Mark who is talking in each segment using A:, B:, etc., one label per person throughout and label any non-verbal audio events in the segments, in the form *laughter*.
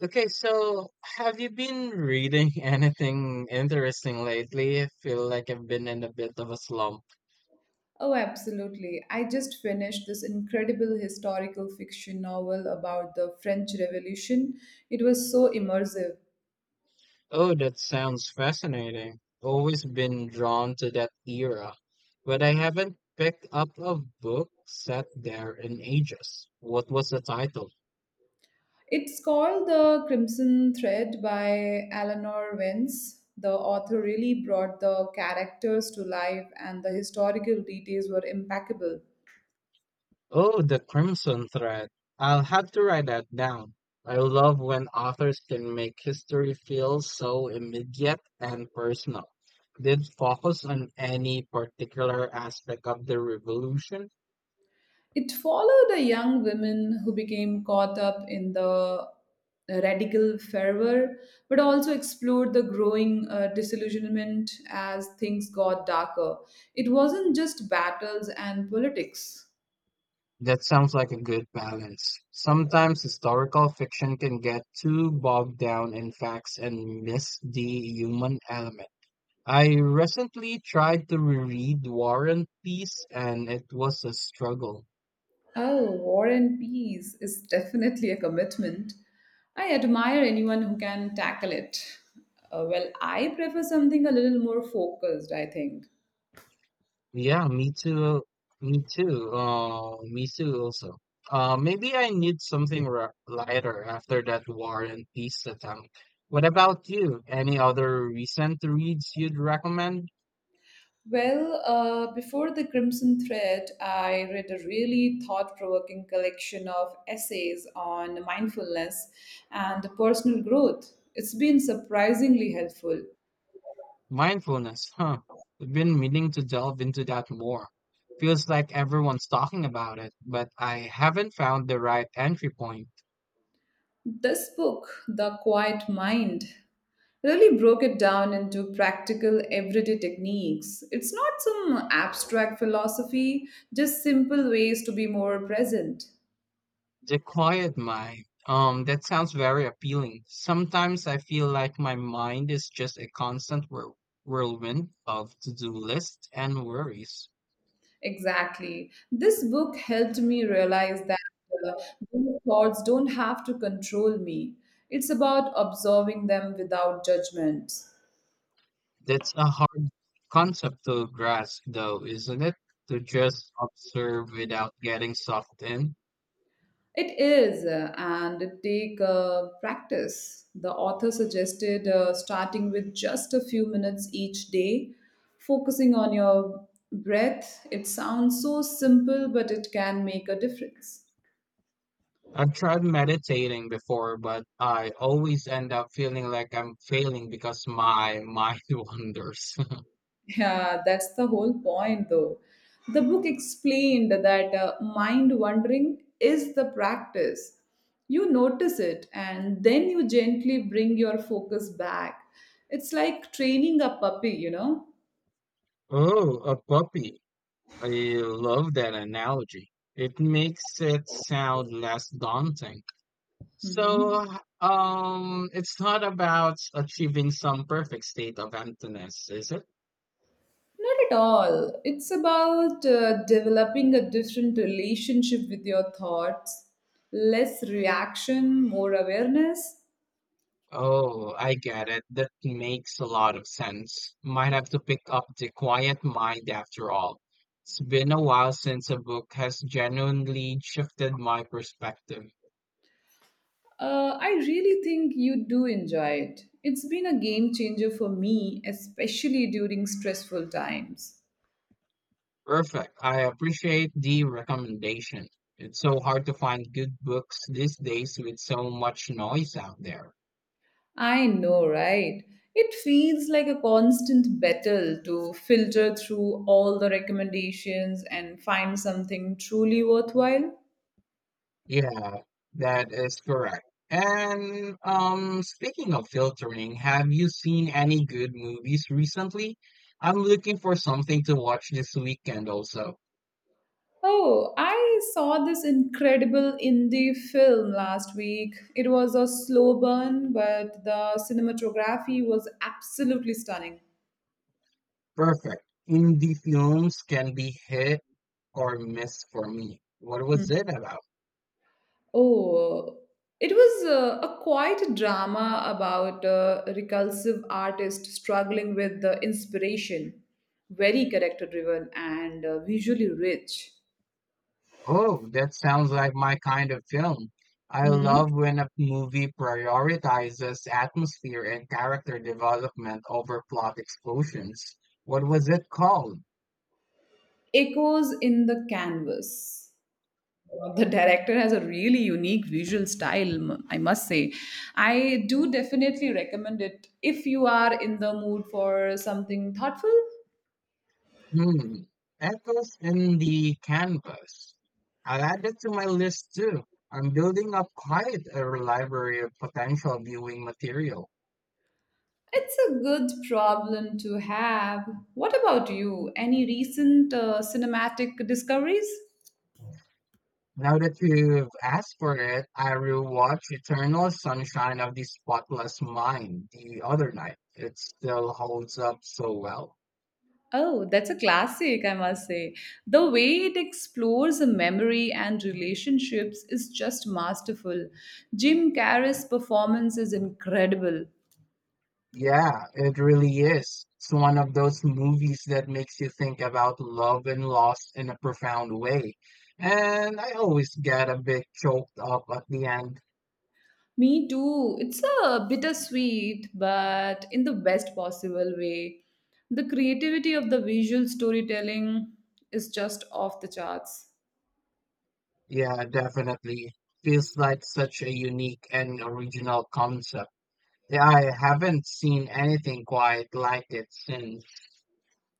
A: Okay, so have you been reading *laughs* anything interesting lately? I feel like I've been in a bit of a slump.
B: Oh, absolutely. I just finished this incredible historical fiction novel about the French Revolution. It was so immersive.
A: Oh, that sounds fascinating. Always been drawn to that era, but I haven't picked up a book set there in ages. What was the title?
B: It's called The Crimson Thread by Eleanor Vence. The author really brought the characters to life, and the historical details were impeccable.
A: Oh, the Crimson Thread. I'll have to write that down. I love when authors can make history feel so immediate and personal. Did focus on any particular aspect of the revolution?
B: It followed a young woman who became caught up in the radical fervor, but also explored the growing disillusionment as things got darker. It wasn't just battles and politics.
A: That sounds like a good balance. Sometimes historical fiction can get too bogged down in facts and miss the human element. I recently tried to reread War and Peace, and it was a struggle.
B: Oh, War and Peace is definitely a commitment. I admire anyone who can tackle it. Well, I prefer something a little more focused, I think.
A: Yeah, me too. Oh, me too also. Maybe I need something r lighter after that War and Peace attempt. What about you? Any other recent reads you'd recommend?
B: Well, before The Crimson Thread, I read a really thought provoking collection of essays on mindfulness and personal growth. It's been surprisingly helpful.
A: Mindfulness, huh? I've been meaning to delve into that more. Feels like everyone's talking about it, but I haven't found the right entry point.
B: This book, The Quiet Mind, really broke it down into practical everyday techniques. It's not some abstract philosophy, just simple ways to be more present.
A: The quiet mind. That sounds very appealing. Sometimes I feel like my mind is just a constant whirlwind of to-do lists and worries.
B: Exactly. This book helped me realize that uh, those thoughts don't have to control me. It's about observing them without judgment.
A: That's a hard concept to grasp, though, isn't it? To just observe without getting sucked in.
B: It is, and it take practice. The author suggested starting with just a few minutes each day, focusing on your breath. It sounds so simple, but it can make a difference.
A: I've tried meditating before, but I always end up feeling like I'm failing because my mind *laughs* wanders. *laughs*
B: Yeah, that's the whole point, though. The book explained that mind wandering is the practice. You notice it and then you gently bring your focus back. It's like training a puppy, you know?
A: Oh, a puppy. I love that analogy. It makes it sound less daunting.
B: hmm
A: So, it's not about achieving some perfect state of emptiness, is it?
B: Not at all. It's about developing a different relationship with your thoughts, less reaction, more awareness.
A: Oh, I get it. That makes a lot of sense. Might have to pick up The Quiet Mind after all. It's been a while since a book has genuinely shifted my perspective.
B: I really think you do enjoy it. It's been a game changer for me, especially during stressful times.
A: Perfect. I appreciate the recommendation. It's so hard to find good books these days with so much noise out there.
B: I know, right? It feels like a constant battle to filter through all the recommendations and find something truly worthwhile.
A: Yeah, that is correct. And speaking of filtering, have you seen any good movies recently? I'm looking for something to watch this weekend also.
B: Oh, I saw this incredible indie film last week. It was a slow burn, but the cinematography was absolutely stunning.
A: Perfect. Indie films can be hit or miss for me. What
B: Hmm.
A: was it about?
B: Oh, it was a quite drama about a recursive artist struggling with the inspiration, very character driven and visually rich.
A: Oh, that sounds like my kind of film. I
B: Hmm.
A: love when a movie prioritizes atmosphere and character development over plot explosions. What was it called?
B: Echoes in the Canvas. The director has a really unique visual style, I must say. I do definitely recommend it if you are in the mood for something thoughtful.
A: Hmm. Echoes in the Canvas. I'll add that to my list too. I'm building up quite a library of potential viewing material.
B: It's a good problem to have. What about you? Any recent cinematic discoveries?
A: Now that you've asked for it, I rewatched Eternal Sunshine of the Spotless Mind the other night. It still holds up so well.
B: Oh, that's a classic, I must say. The way it explores a memory and relationships is just masterful. Jim Carrey's performance is incredible.
A: Yeah, it really is. It's one of those movies that makes you think about love and loss in a profound way. And I always get a bit choked up at the end.
B: Me too. It's a bittersweet, but in the best possible way. The creativity of the visual storytelling is just off the charts.
A: Yeah, definitely. Feels like such a unique and original concept. Yeah, I haven't seen anything quite like it since.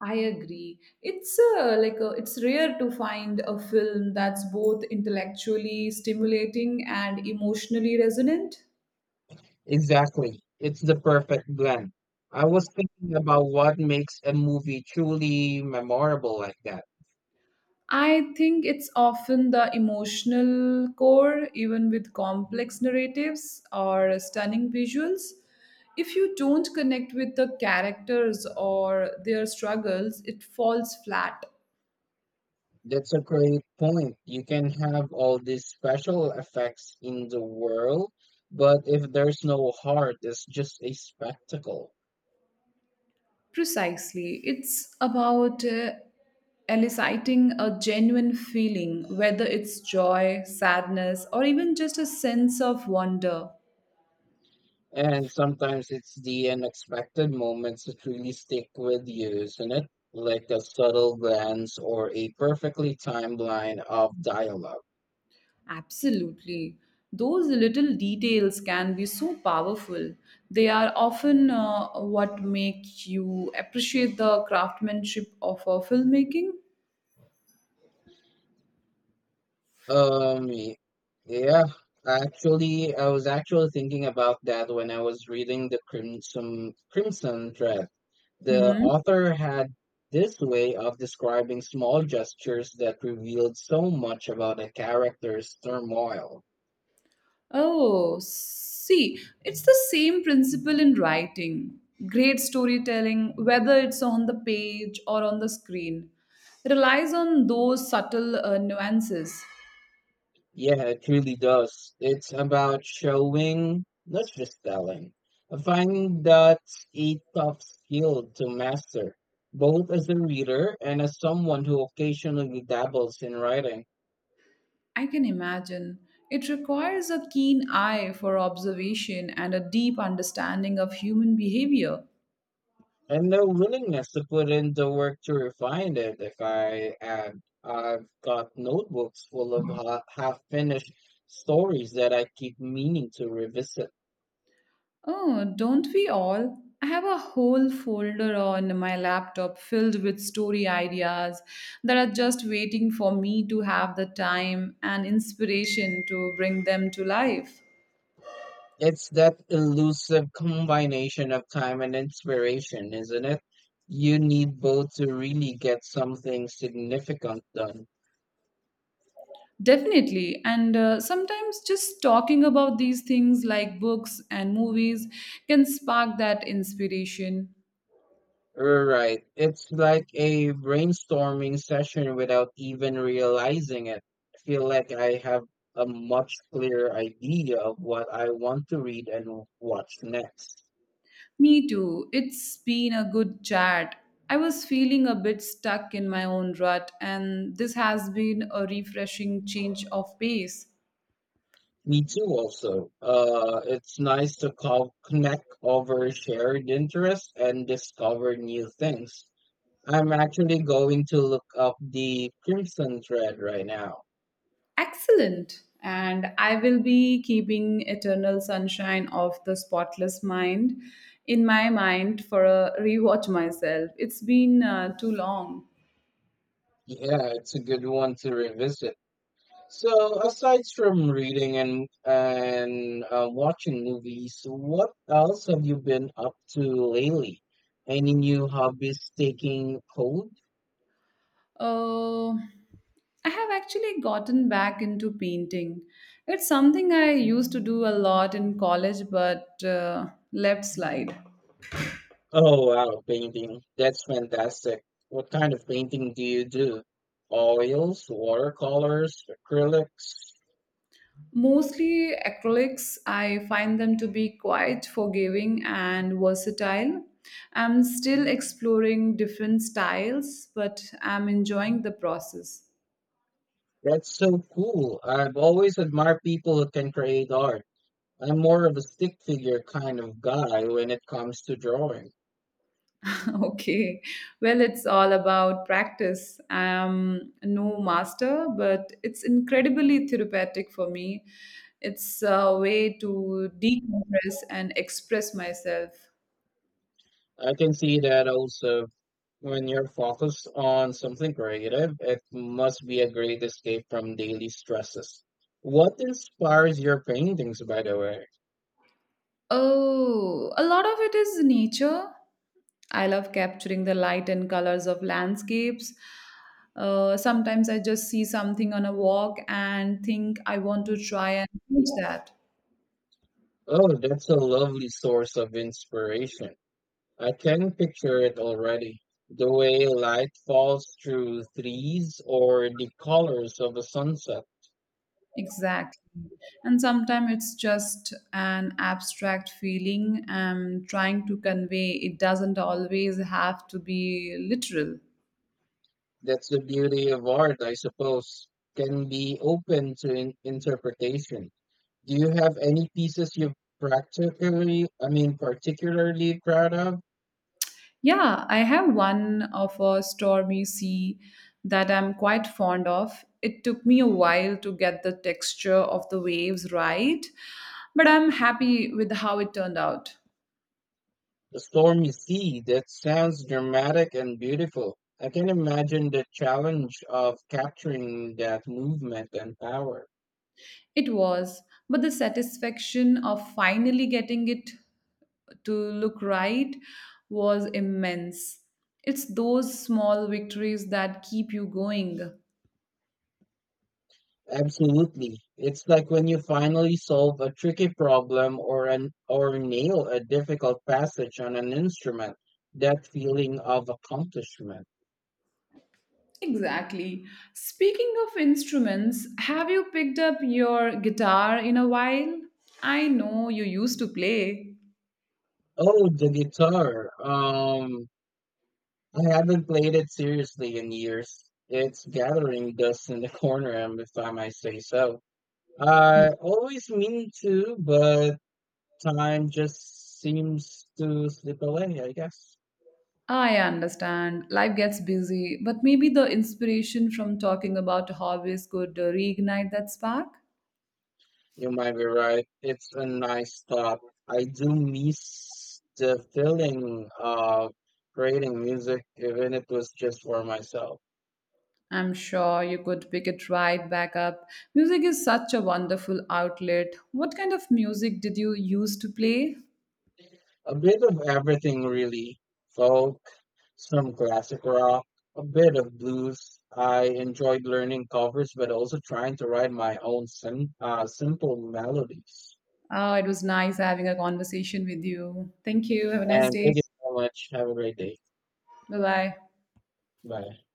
B: I agree. It's it's rare to find a film that's both intellectually stimulating and emotionally resonant.
A: Exactly. It's the perfect blend. I was thinking about what makes a movie truly memorable like that.
B: I think it's often the emotional core, even with complex narratives or stunning visuals. If you don't connect with the characters or their struggles, it falls flat.
A: That's a great point. You can have all these special effects in the world, but if there's no heart, it's just a spectacle.
B: Precisely. It's about eliciting a genuine feeling, whether it's joy, sadness, or even just a sense of wonder.
A: And sometimes it's the unexpected moments that really stick with you, isn't it? Like a subtle glance or a perfectly timed line of dialogue.
B: Absolutely. Those little details can be so powerful. They are often what make you appreciate the craftsmanship of filmmaking.
A: Um, y- yeah, actually, I was actually thinking about that when I was reading the Crimson Thread. The
B: Mm-hmm.
A: author had this way of describing small gestures that revealed so much about a character's turmoil.
B: Oh, see, it's the same principle in writing. Great storytelling, whether it's on the page or on the screen, relies on those subtle nuances.
A: Yeah, it truly does. It's about showing, not just telling. Finding that's a tough skill to master, both as a reader and as someone who occasionally dabbles in writing,
B: I can imagine. It requires a keen eye for observation and a deep understanding of human behavior.
A: and the willingness to put in the work to refine it. If I add, I've got notebooks full of half-finished stories that I keep meaning to revisit.
B: Oh, don't we all? I have a whole folder on my laptop filled with story ideas that are just waiting for me to have the time and inspiration to bring them to life.
A: It's that elusive combination of time and inspiration, isn't it? You need both to really get something significant done.
B: Definitely. And sometimes just talking about these things like books and movies can spark that inspiration.
A: Right. It's like a brainstorming session without even realizing it. I feel like I have a much clearer idea of what I want to read and watch next.
B: Me too. It's been a good chat. I was feeling a bit stuck in my own rut, and this has been a refreshing change of pace.
A: Me too, also. It's nice to connect over shared interests and discover new things. I'm actually going to look up the Crimson Thread right now.
B: Excellent. And I will be keeping Eternal Sunshine of the Spotless Mind in my mind for a rewatch myself. It's been too long.
A: Yeah, it's a good one to revisit. So, aside from reading and watching movies, what else have you been up to lately? Any new hobbies taking hold?
B: Uh, I have actually gotten back into painting. It's something I used to do a lot in college but left slide.
A: Oh wow, painting. That's fantastic. What kind of painting do you do? Oils, watercolors, acrylics?
B: Mostly acrylics, I find them to be quite forgiving and versatile. I'm still exploring different styles, but I'm enjoying the process.
A: That's so cool. I've always admired people who can create art. I'm more of a stick figure kind of guy when it comes to drawing.
B: *laughs* Okay. Well, it's all about practice. I'm no master, but it's incredibly therapeutic for me. It's a way to decompress and express myself.
A: I can see that also when you're focused on something creative, it must be a great escape from daily stresses. What inspires your paintings, by the way?
B: Oh, a lot of it is nature. I love capturing the light and colors of landscapes. Sometimes I just see something on a walk and think I want to try and reach that.
A: Oh, that's a lovely source of inspiration. I can picture it already. The way light falls through trees or the colors of a sunset.
B: Exactly. And sometimes it's just an abstract feeling and trying to convey it doesn't always have to be literal.
A: That's the beauty of art, I suppose, can be open to interpretation. Do you have any pieces you're practically, I mean, particularly proud of?
B: Yeah, I have one of a stormy sea that I'm quite fond of. It took me a while to get the texture of the waves right, but I'm happy with how it turned out.
A: The storm you see, that sounds dramatic and beautiful. I can imagine the challenge of capturing that movement and power.
B: It was, but the satisfaction of finally getting it to look right was immense. It's those small victories that keep you going.
A: Absolutely. It's like when you finally solve a tricky problem or an or nail a difficult passage on an instrument. That feeling of accomplishment.
B: Exactly. Speaking of instruments, have you picked up your guitar in a while? I know you used to play.
A: Oh, the guitar. I haven't played it seriously in years. It's gathering dust in the *laughs* corner, if I might say so. I always mean to, but time just seems to slip away, I guess.
B: I understand. Life gets busy, but maybe the inspiration from talking about hobbies could reignite that spark.
A: You might be right. It's a nice thought. I do miss the feeling of creating music, even if it was just for myself.
B: I'm sure you could pick it right back up. Music is such a wonderful outlet. What kind of music did you used to play?
A: A bit of everything, really. Folk, some classic rock, a bit of blues. I enjoyed learning covers, but also trying to write my own simple melodies.
B: Oh, it was nice having a conversation with you. Thank you. Have a nice
A: And
B: day.
A: thank you so much. Have a great day.
B: Bye bye.
A: Bye.